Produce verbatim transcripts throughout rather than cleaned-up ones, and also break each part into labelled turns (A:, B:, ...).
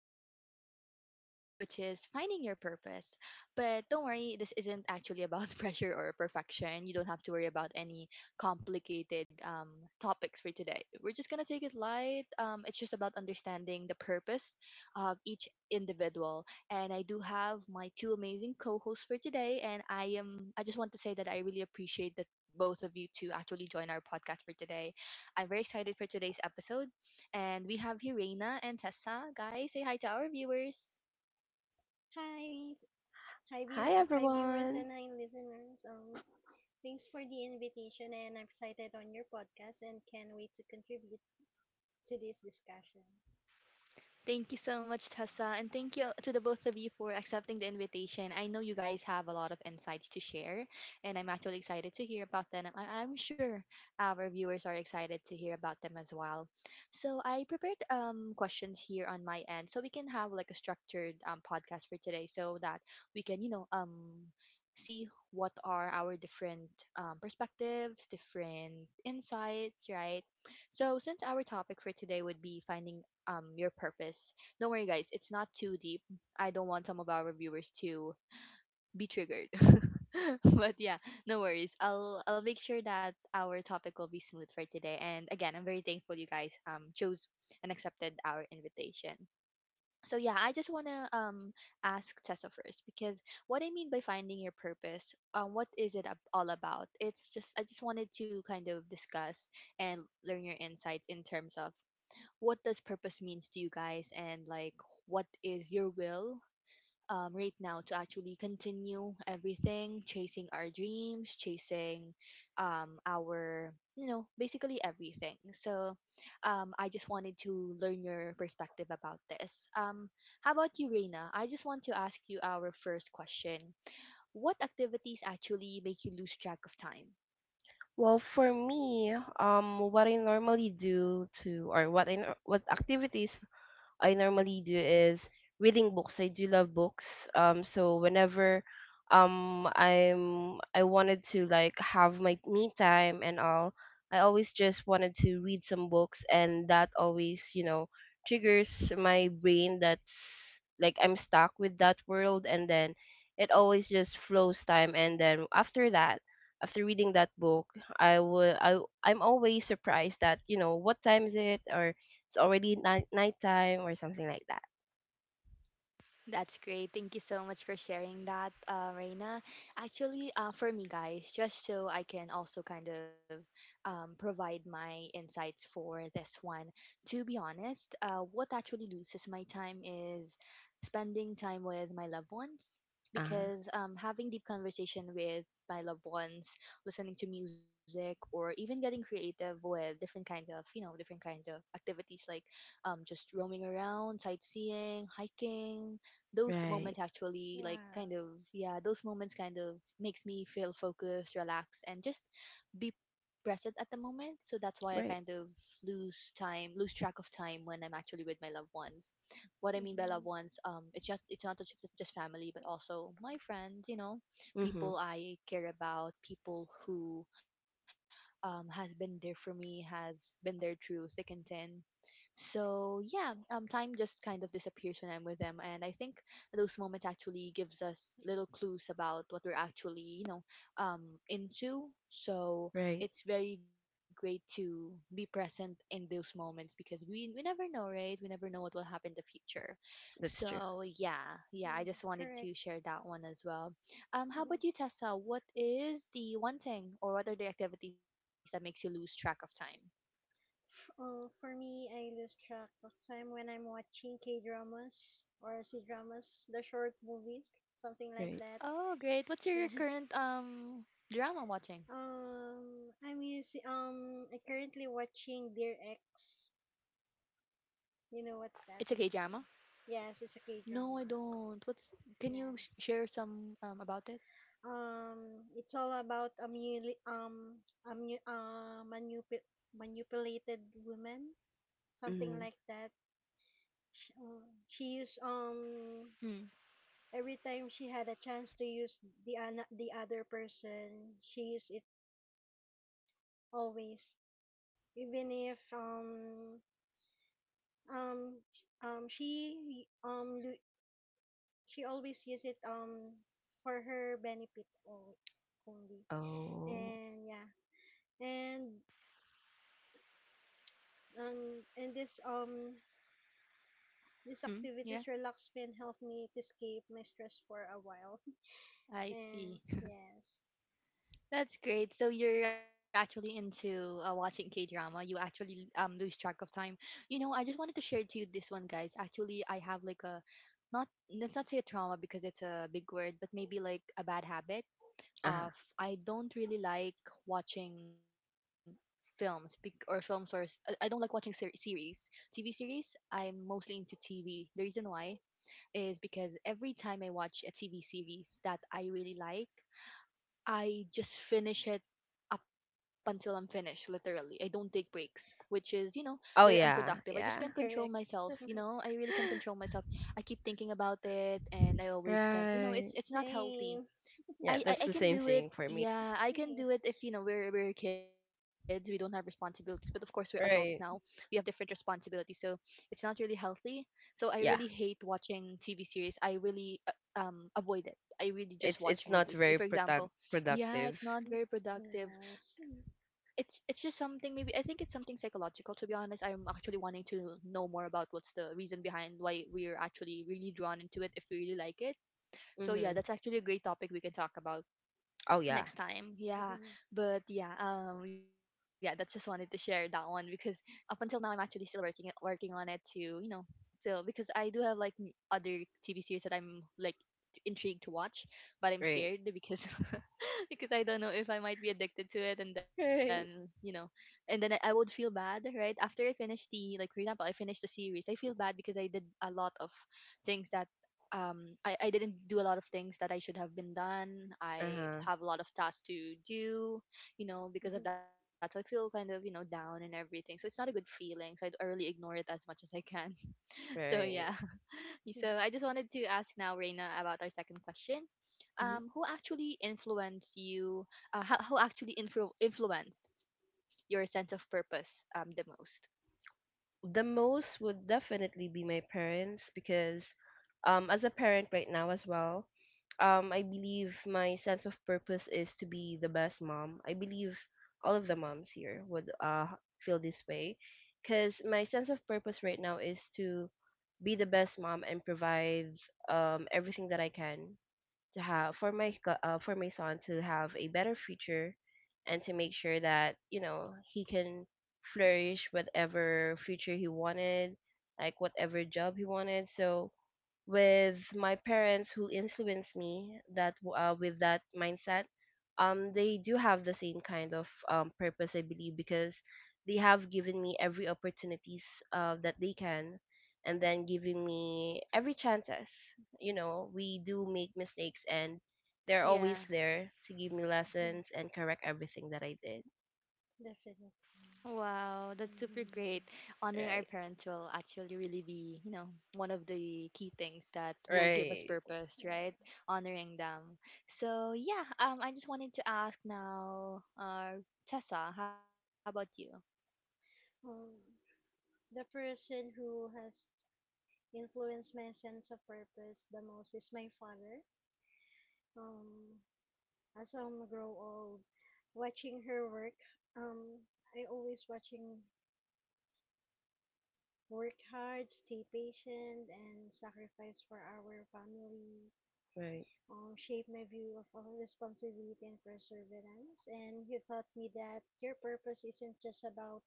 A: thinks about at some point, which is finding your purpose. But don't worry, this isn't actually about pressure or perfection. You don't have to worry about any complicated um, topics for today. We're just going to take it light. Um, it's just about understanding the purpose of each individual and I do have my two amazing co-hosts for today. And I am I just want to say that I really appreciate the both of you to actually join our podcast for today. I'm very excited for today's episode. And we have here Reina and Tessa. Guys, say hi to our viewers.
B: Hi, hi,
C: Hi
B: view, hi viewers
C: everyone.
B: and hi listeners. Um, thanks for the invitation, and I'm excited on your podcast and can't wait to contribute to this discussion.
A: Thank you so much, Tessa, and thank you to the both of you for accepting the invitation. I know you guys have a lot of insights to share, and I'm actually excited to hear about them. I- I'm sure our viewers are excited to hear about them as well. So I prepared um, questions here on my end, so we can have like a structured um, podcast for today, so that we can, you know, um, see what are our different um, perspectives, different insights, right? So, since our topic for today would be finding um your purpose. Don't worry guys, it's not too deep. I don't want some of our viewers to be triggered. But yeah, no worries. I'll I'll make sure that our topic will be smooth for today. And again, I'm very thankful you guys um chose and accepted our invitation. So yeah, I just wanna um ask Tessa first because what I mean by finding your purpose, um, what is it ab- all about? It's just I just wanted to kind of discuss and learn your insights in terms of what does purpose means to you guys and like what is your will um, right now to actually continue everything, chasing our dreams, chasing um, our, you know, basically everything. So um, I just wanted to learn your perspective about this. Um, how about you, Reina? I just want to ask you our first question. What activities actually make you lose track of time?
C: Well, for me, um, what I normally do to, or what I, nor- what activities I normally do is reading books. I do love books. Um, so whenever um I'm I wanted to like have my me time and all, I always just wanted to read some books, and that always you know triggers my brain. That's like I'm stuck with that world, and then it always just flows time, and then after that. After reading that book, I would I I'm always surprised that you know what time is it, or it's already night nighttime or something like that.
A: That's great. Thank you so much for sharing that, uh, Reina. Actually, uh, for me, guys, just so I can also kind of um, provide my insights for this one, to be honest, uh, what actually loses my time is spending time with my loved ones,
C: Uh
A: because um, having deep conversation with my loved ones, listening to music, or even getting creative with different kind of, you know, different kind of activities like um, just roaming around, sightseeing, hiking, those
C: right,
A: moments actually
B: Wow.
A: like kind of, yeah, those moments kind of makes me feel focused, relaxed, and just be present at the moment. So that's why I kind of
C: right.
A: lose time, lose track of time when I'm actually with my loved ones. What I mean by loved
B: Mm-hmm.
A: ones, um it's just, it's not just, just family but also my friends, you know,
C: Mhm.
A: people I care about, people who um, has been there for me, has been there through thick and thin. So yeah, um, time just kind of disappears when I'm with them, and I think those moments actually gives us little clues about what we're actually, you know, um, into. So
C: Right.
A: it's very great to be present in those moments because we we never know, right? We never know what will happen in the future.
C: That's true.
A: So yeah, yeah, I
B: Yeah,
A: just wanted
B: correct.
A: to share that one as well. Um, how
B: Mm-hmm.
A: about you, Tessa? What is the one thing or what are the activities that makes you lose track of time?
B: Oh, for me, I lose track of time when I'm watching K dramas or C dramas, the short movies, something like
C: Right.
B: that.
A: Oh, great. What's your current
B: Yes.
A: um drama watching?
B: Um, I'm using um, I currently watching Dear X. You know
A: It's a
B: what's
A: K
B: that?
A: drama?
B: Yes, it's a K
A: No, I
B: drama.
A: don't. What's can you sh-
B: Yes.
A: share some um about it?
B: Um, it's all about a muli- um a mu- uh, manup- manipulated woman, something
C: Mhm.
B: like that. She, uh, she used um
A: Hmm.
B: every time she had a chance to use the an- the other person, she used it always, even if um um sh- um she um lo- she always use it um for her benefit o- only
C: Oh.
B: and yeah and um, and this um
A: Hmm.
B: these
A: Yeah,
B: activities relax me and help me to escape my stress for a while.
A: I see.
B: And yes,
A: That's great. So you're actually into uh, watching K drama. You actually um lose track of time. You know, I just wanted to share to you this one, guys. Actually, I have like a, not, let's not say a trauma because it's a big word, but maybe like a bad habit. uh,
C: Uh
A: f- I don't really like watching films, bec- or films, or I I I don't like watching ser- series. T V series, I'm mostly into T V. The reason why is because every time I watch a T V series that I really like, I just finish it up until I'm finished, literally. I don't take breaks, which is, you know, very
C: Oh
A: unproductive. I
C: yeah,
A: just can't
C: yeah.
A: control
B: correct.
A: myself, you know? I really can't control myself. I keep thinking about it and I always can, you know, it's
C: Right.
A: it's not healthy.
B: Same.
C: Yeah,
A: I, I
C: that's
A: I
C: the
A: can
C: same
A: do it.
C: thing for me.
A: Yeah, I can
B: Same.
A: do it if you know we're we're kids, we don't have responsibilities, but of course we're adults now. We
C: Right.
A: have different responsibilities, so it's not really healthy. So I really
C: Yeah.
A: hate watching T V series. I really uh, um avoid it. I really just
C: It's
A: watch
C: it's not
A: movies. If,
C: very
A: For
C: product
A: example, yeah,
C: productive.
A: it's not very productive.
B: Yes.
A: It's it's just something, maybe I think it's something psychological to be honest. I'm actually wanting to know more about what's the reason behind why we're actually really drawn into it if we really like it. So yeah,
C: Mhm.
A: that's actually a great topic we can talk about
C: Oh yeah.
A: next time, yeah. But yeah, um yeah, that's just wanted to share that one because up until now I'm actually still working it- working on it, to you know, still, because I do have like m- other TV series that I'm like intrigued to watch, but I'm
C: Right.
A: scared because because I don't know if I might be addicted to it and then you
C: Right.
A: know, and then i, I would feel bad right after I finish the, like for example I finished the series, I feel bad because I did a lot of things that um, I, I didn't do a lot of things that I should have been done. I
C: Uh-huh.
A: have a lot of tasks to do, you know, because of that. So I feel kind of, you know, down and everything. So it's not a good feeling. So I, I really ignore it as much as I can. So yeah.
C: Right.
A: So I just wanted to ask now, Reina, about our second question. Um, who actually influenced you? Uh, how, who actually influ- influenced your sense of purpose um, the most?
C: The most would definitely be my parents because um as a parent right now as well, um I believe my sense of purpose is to be the best mom. I believe all of the moms here would uh feel this way because my sense of purpose right now is to be the best mom and provide um everything that I can to have for my go- uh, for my son to have a better future, and to make sure that you know he can flourish whatever future he wanted, like whatever job he wanted. So with my parents who influenced me that w- uh, with that mindset, um they do have the same kind of um, purpose, I believe, because they have given me every opportunities uh, that they can, and then giving me every chances. You know, we do make mistakes, and they're
A: Yeah.
C: always there to give me lessons and correct everything that I did.
B: Definitely.
A: Wow, that's super great.
B: Mhm.
A: Honoring our parents
C: Right,
A: will actually really be, you know, one of the key things that will give us
C: right,
A: purpose, right?
B: Yes.
A: Honoring them. So yeah, um, I just wanted to ask now, uh, Tessa, how about you?
B: Um, the person who has influenced my sense of purpose the most is my father. Um, as I grow old, watching her work, um, I always watching work hard, stay patient, and sacrifice for our family.
C: right,
B: Um, shape my view of our responsibility and perseverance. And he taught me that your purpose isn't just about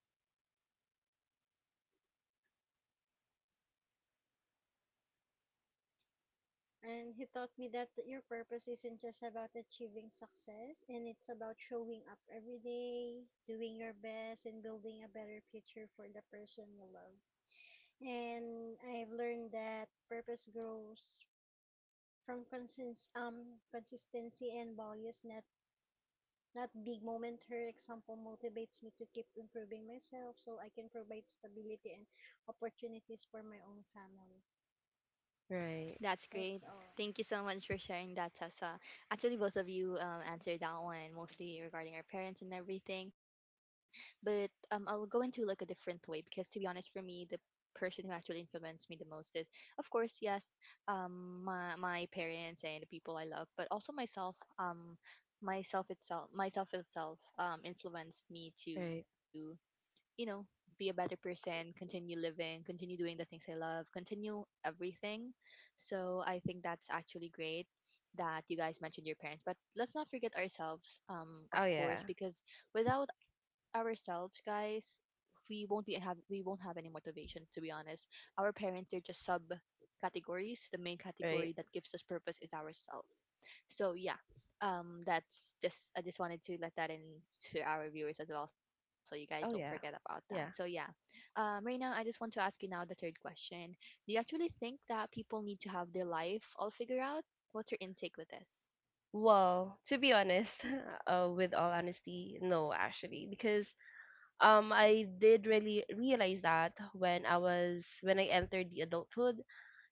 B: And he taught me that your purpose isn't just about achieving success, and it's about showing up every day, doing your best, and building a better future for the person you love. And I've learned that purpose grows from consist- um, consistency and values, not not big moment. Her example motivates me to keep improving myself so I can provide stability and opportunities for my own family.
C: right,
A: That's
B: That's all.
A: great. Thank you so much for sharing that, Tessa. Actually, both of you um, answered that one, mostly regarding our parents and everything. But um, I'll go into like a different way because, to be honest, for me, the person who actually influenced me the most is, of course, yes, um, my my parents and the people I love, but also myself. Um, myself itself, myself itself, um, influenced me to,
C: right.
A: you know, be a better person, continue living, continue doing the things I love, continue everything. So I think that's actually great that you guys mentioned your parents. But let's not forget ourselves, um, of
C: Oh yeah.
A: course, because without ourselves, guys, we won't be have we won't have any motivation to be honest. Our parents, they're just sub categories. The main category
C: Right.
A: that gives us purpose is ourselves. So yeah, um that's just I just wanted to let that in to our viewers as well, so you guys don't forget
C: Oh
A: about
C: yeah,
A: that. So yeah,
C: yeah.
A: um Reina, I just want to ask you now the third question. Do you actually think that people need to have their life all figured out? What's your intake with this?
C: Well, to be honest, uh, with all honesty, no, actually, because um, I did really realize that when I was when I entered the adulthood.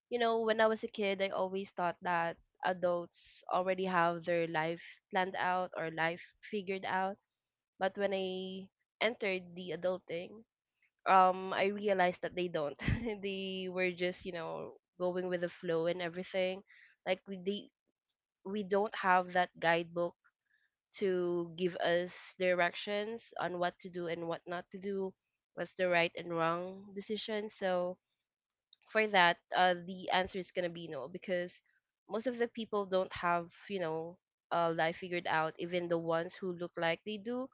C: You know, when I was a kid, I always thought that adults already have their life planned out or life figured out. But when I entered the adulting, um, I realized that they don't. They were just, you know, going with the flow and everything. Like we they we don't have that guidebook to give us directions on what to do and what not to do, what's the right and wrong decision. So for that, uh, the answer is gonna be no, because most of the people don't have you know uh, life figured out. Even the ones who look like they do,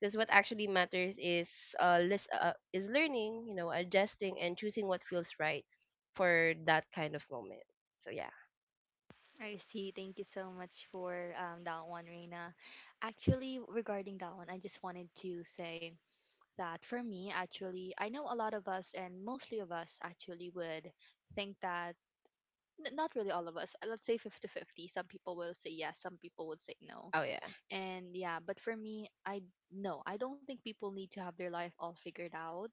C: because what actually matters is uh, lis- uh is learning, you know, adjusting and choosing what feels right for that kind of moment. So yeah.
A: I see. Thank you so much for um, that one, Reina. Actually, regarding that one, I just wanted to say that for me, actually, I know a lot of us and mostly of us actually would think that, N- not really all of us. Uh, Let's say fifty-fifty. Some people will say yes, some people would say no.
C: Oh yeah.
A: And yeah, but for me, I no, I don't think people need to have their life all figured out.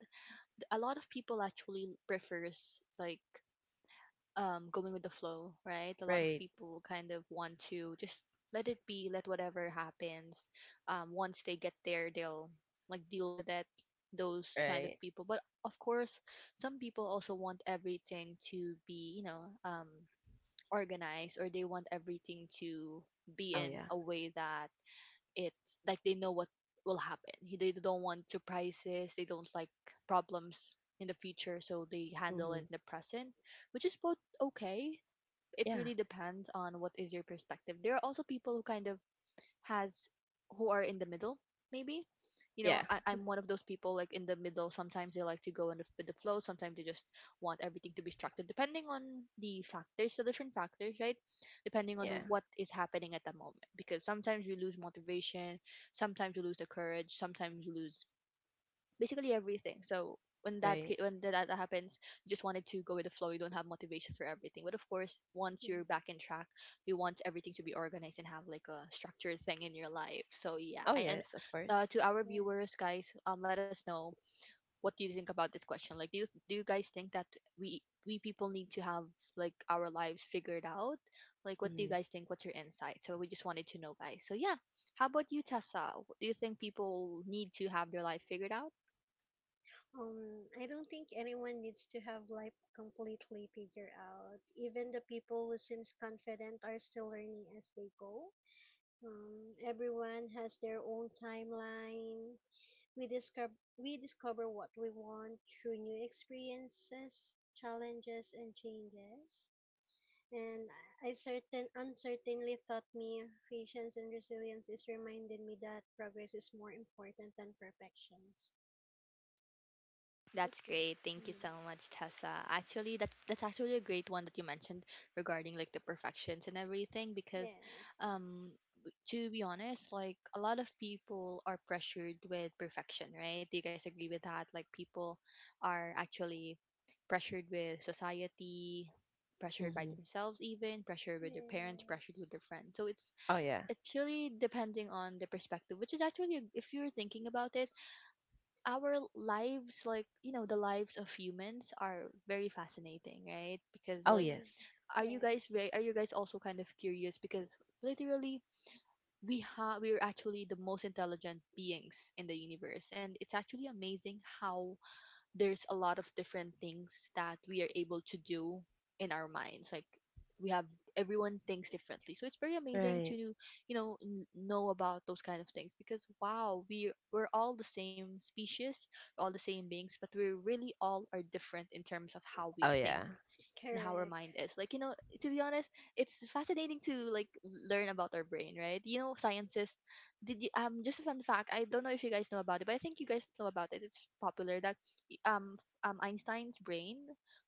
A: Th- A lot of people actually prefers like um going with the flow, right? A lot of
C: Right.
A: people kind of want to just let it be, let whatever happens. Um once they get there, they'll like deal with it. Those kind of
C: Right.
A: people. But of course, some people also want everything to be, you know, um organized, or they want everything to be
C: Oh
A: in
C: yeah.
A: a way that it's like they know what will happen. They don't want surprises, they don't like problems in the future, so they handle it
C: Mhm.
A: in the present, which is both okay. It
C: Yeah.
A: really depends on what is your perspective. There are also people who kind of has who are in the middle maybe, you know.
C: Yeah.
A: I, i'm one of those people, like in the middle. Sometimes they like to go in the, with the flow, sometimes they just want everything to be structured depending on the factors the different factors, right? Depending on
C: Yeah.
A: what is happening at that moment, because sometimes you lose motivation, sometimes you lose the courage, sometimes you lose basically everything. So when that
C: Right.
A: ca- when tha- that happens, you just wanted to go with the flow. You don't have motivation for everything. But of course, once you're
B: Yes.
A: back in track, you want everything to be organized and have like a structured thing in your life. So yeah,
C: Oh
A: I, and
C: yes, of
A: uh,
C: course.
A: to our viewers,
B: Yes.
A: guys, um, let us know what do you think about this question. Like, do you do you guys think that we we people need to have like our lives figured out? Like, what do you
C: Mhm.
A: guys think? What's your insight? So we just wanted to know, guys. So yeah, how about you, Tessa? Do you think people need to have their life figured out?
B: Um, I don't think anyone needs to have life completely figured out. Even the people who seems confident are still learning as they go. Um, everyone has their own timeline. We discover we discover what we want through new experiences, challenges, and changes. And I I certain uncertainly taught me patience and resilience is reminded me that progress is more important than perfections.
A: That's
B: Mhm.
A: great. Thank you so
B: Mm.
A: much, Tessa. Actually, that's that's actually a great one that you mentioned regarding like the perfections and everything, because
B: Yes.
A: um w- to be honest, like a lot of people are pressured with perfection, right? Do you guys agree with that? Like people are actually pressured with society, pressured by
C: Mhm.
A: themselves even, pressured with their parents, pressured with
B: Yes.
A: their friends. So it's
C: Oh yeah.
A: it's really depending on the perspective, which is actually a- if you're thinking about it, our lives, like, you know, the lives of humans are very fascinating, right? Because
C: Oh
A: like,
B: Mm-hmm.
C: yes.
A: are you guys
B: Yes.
A: very are you guys also kind of curious? Because literally, we have we are actually the most intelligent beings in the universe, and it's actually amazing how there's a lot of different things that we are able to do in our minds. Like we have everyone thinks differently, so it's very amazing to,
C: Right.
A: you know, n- know about those kind of things. Because wow, we we're all the same species, all the same beings, but we really all are different in terms of how we
C: Oh
A: think
C: yeah.
A: and how our
B: Correct.
A: mind is, like, you know, to be honest, it's fascinating to like learn about our brain, right? You know, scientists, did you, um just a fun fact, I don't know if you guys know about it, but I think you guys know about it. It's popular that y- um f- um Einstein's brain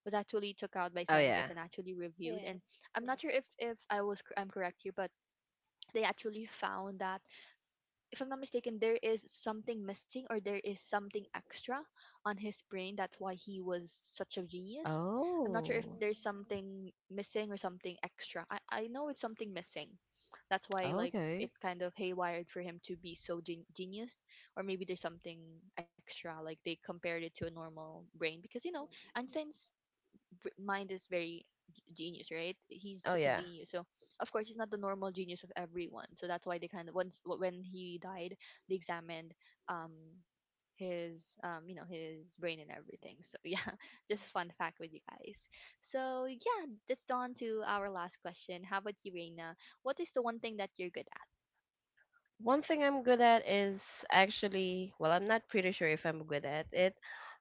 A: was actually took out by
C: Oh
A: scientists
C: yeah.
A: and actually reviewed, and
B: Yes.
A: I'm not sure
B: Yes.
A: if if i was cor- I'm correct here, but they actually found that, if I'm not mistaken, there is something missing or there is something extra on his brain. That's why he was such a genius. I'm not sure if
C: Oh.
A: there's
B: Mm-hmm.
A: something missing or something extra. I, I know it's something missing. That's why like it
C: Okay.
A: kind of haywired for him to be so gen- genius, or maybe there's something extra. Like they compared it to a normal brain, because you know Einstein's v- mind is very g- genius, right? He's
C: Oh
A: such a
C: yeah.
A: genius. So of course he's not the normal genius of everyone. So that's why they kind of once wh- when he died, they examined um his um you know his brain and everything. So yeah, just a fun fact with you guys. So yeah, that's on to our last question. How about you, Reina? What is the one thing that you're good at?
C: One thing I'm good at is actually, well, I'm not pretty sure if I'm good at it,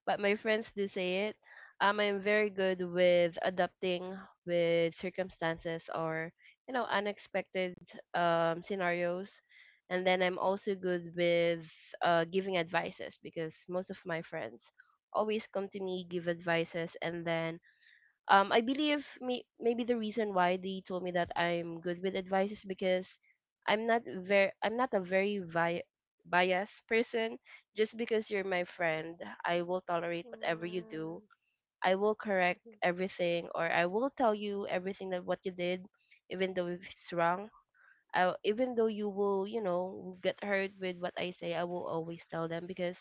C: but my friends do say it. Um, I'm very good with adapting with circumstances or, you know, unexpected um, scenarios. And then I'm also good with uh, giving advices, because most of my friends always come to me, give advices, and then um I believe may- maybe the reason why they told me that I'm good with advice is because i'm not very I'm not a very vi- biased person. Just because you're my friend, I will tolerate whatever you do.
B: Mm-hmm.
C: I will correct everything, or I will tell you everything that what you did, even though if it's wrong. I, even though you will you know get hurt with what I say, I will always tell them because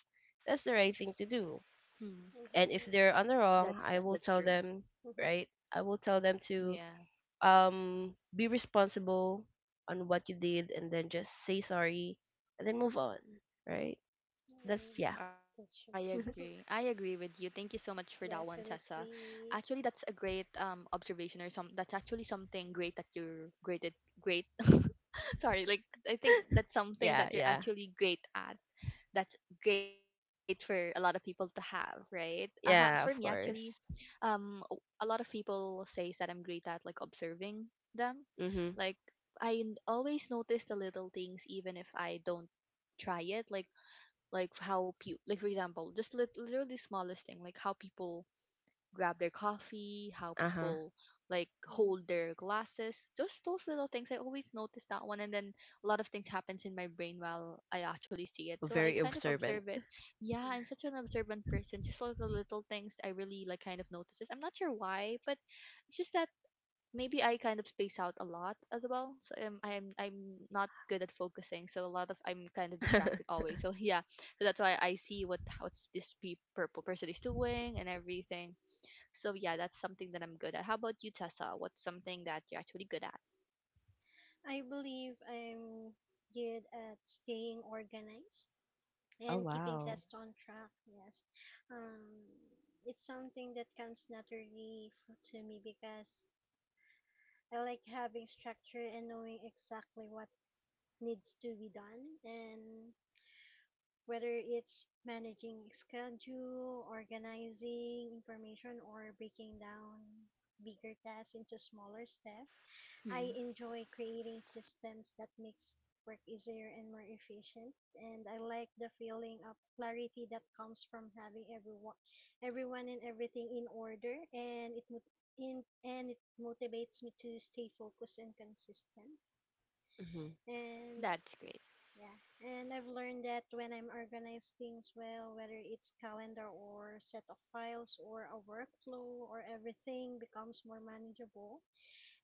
C: that's the right thing to do.
A: Hmm.
C: And if
B: Mm-hmm.
C: they're on the wrong, I
A: That's
C: will tell
A: that's true.
C: them. Right, I will tell them to
A: Yeah.
C: um be responsible on what you did, and then just say sorry, and then move on. Right, that's
B: Mm.
C: yeah.
B: That's true.
A: I agree. I agree with you. Thank you so much for that one, Tessa.
B: Definitely.
A: Actually, that's a great um observation, or some that's actually something great that you're great at, great. Sorry, like, I think that's
C: Yeah,
A: something
C: yeah.
A: that you're actually great at. That's great for a lot of people to have, right? Uh, ha- for me
C: Yeah, of
B: Mm-hmm.
A: actually,
C: course.
A: um o- a lot of people says that I'm great at like observing them.
C: Mm-hmm.
A: Like I n- always notice the little things even if I don't try it. Like like how people, like for example, just lit- literally smallest thing, like how people grab their coffee, how
C: Uh-huh.
A: people like hold
B: Mm-hmm.
A: their glasses, just those little things I always notice that one. And then a lot of things happens in my brain while I actually see it, so I
C: Very
A: kind of
C: observant.
A: observe it. Yeah,
B: Mm-hmm.
A: I'm such an observant person. Just all the little things, I really like kind of notices. I'm not sure why, but it's just that maybe I kind of space out a lot as well. So um, I'm I'm not good at focusing. So a lot of I'm kind of
C: Oh,
A: distracted always. So yeah, so that's why I see what what this pe- purple person is doing and everything. So yeah, that's something that I'm good at. How about you, Tessa? What's something that you're actually good at?
B: I believe I'm good at staying organized and keeping
C: wow.
B: tasks on track. Yes. Um, it's something that comes naturally f- to me because I like having structure and knowing exactly what needs to be done, and whether it's managing schedule, organizing information, or breaking down bigger tasks into smaller steps. I
A: Hmm,
B: enjoy creating systems that makes work easier and more efficient, and I like the feeling of clarity that comes from having everyone everyone and everything in order, and it mot- in, and it motivates me to stay focused and consistent.
C: Mm-hmm.
B: And
A: that's great.
B: yeah, and I've learned that when I'm organized things well, whether it's calendar or set of files or a workflow, or everything becomes more manageable.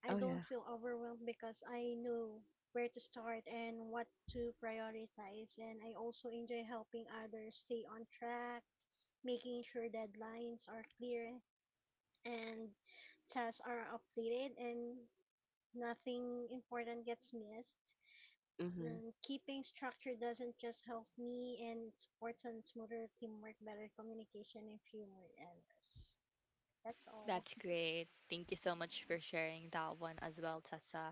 B: I
C: Oh yeah.
B: don't feel overwhelmed because I know where to start and what to prioritize, and I also enjoy helping others stay on track, making sure deadlines are clear and tasks are updated and nothing important gets missed.
C: Mm-hmm.
B: And keeping structure doesn't just help me, and it supports on smoother teamwork, better communication, and fewer errors. That's all.
A: That's great. Thank you so much for sharing that one as well, Tessa.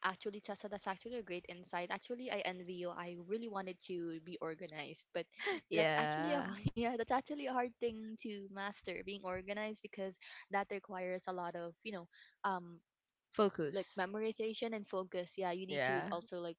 A: Actually, Tessa, that's actually a great insight. Actually, I envy you. I really wanted to be organized, but that's actually a
C: Yeah.
A: yeah, that's actually a hard thing to master, being organized, because that requires a lot of, you know, um
C: Focus.
A: like memorization and focus. Yeah, you need to
C: Yeah.
A: also like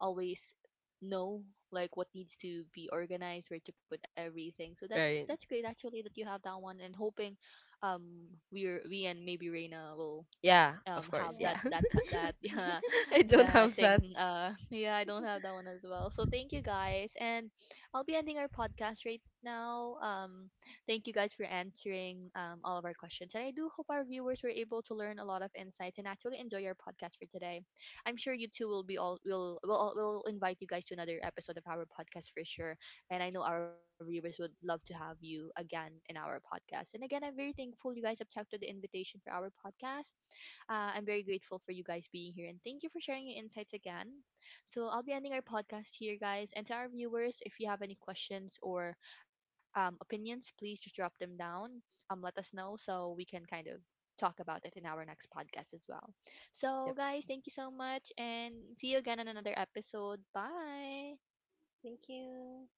A: always know like what needs to be organized, where to put everything. So that's
C: Right.
A: that's great actually that you have that one. And hoping um we're we and maybe Reina will
C: Yeah,
A: um
C: of course,
A: have
B: Yeah.
A: that
C: yeah.
A: that t- that yeah,
C: I don't
A: that
C: have that.
A: thing, uh yeah, I don't have that one as well. So thank you guys, and I'll be ending our podcast right now. Um thank you guys for answering um all of our questions, and I do hope our viewers were able to learn a lot of insights and actually enjoy our podcast for today. I'm sure you two will be all will will all- will invite you guys to another episode of our podcast for sure, and I know our viewers would love to have you again in our podcast. And again, I'm very thankful you guys accepted the invitation for our podcast. uh, I'm very grateful for you guys being here, and thank you for sharing your insights again. So I'll be ending our podcast here, guys. And to our viewers, if you have any questions or um, opinions, please just drop them down. Um, let us know so we can kind of talk about it in our next podcast as well. So,
C: Yep.
A: guys, thank you so much, and see you again on another episode. Bye.
B: Thank you.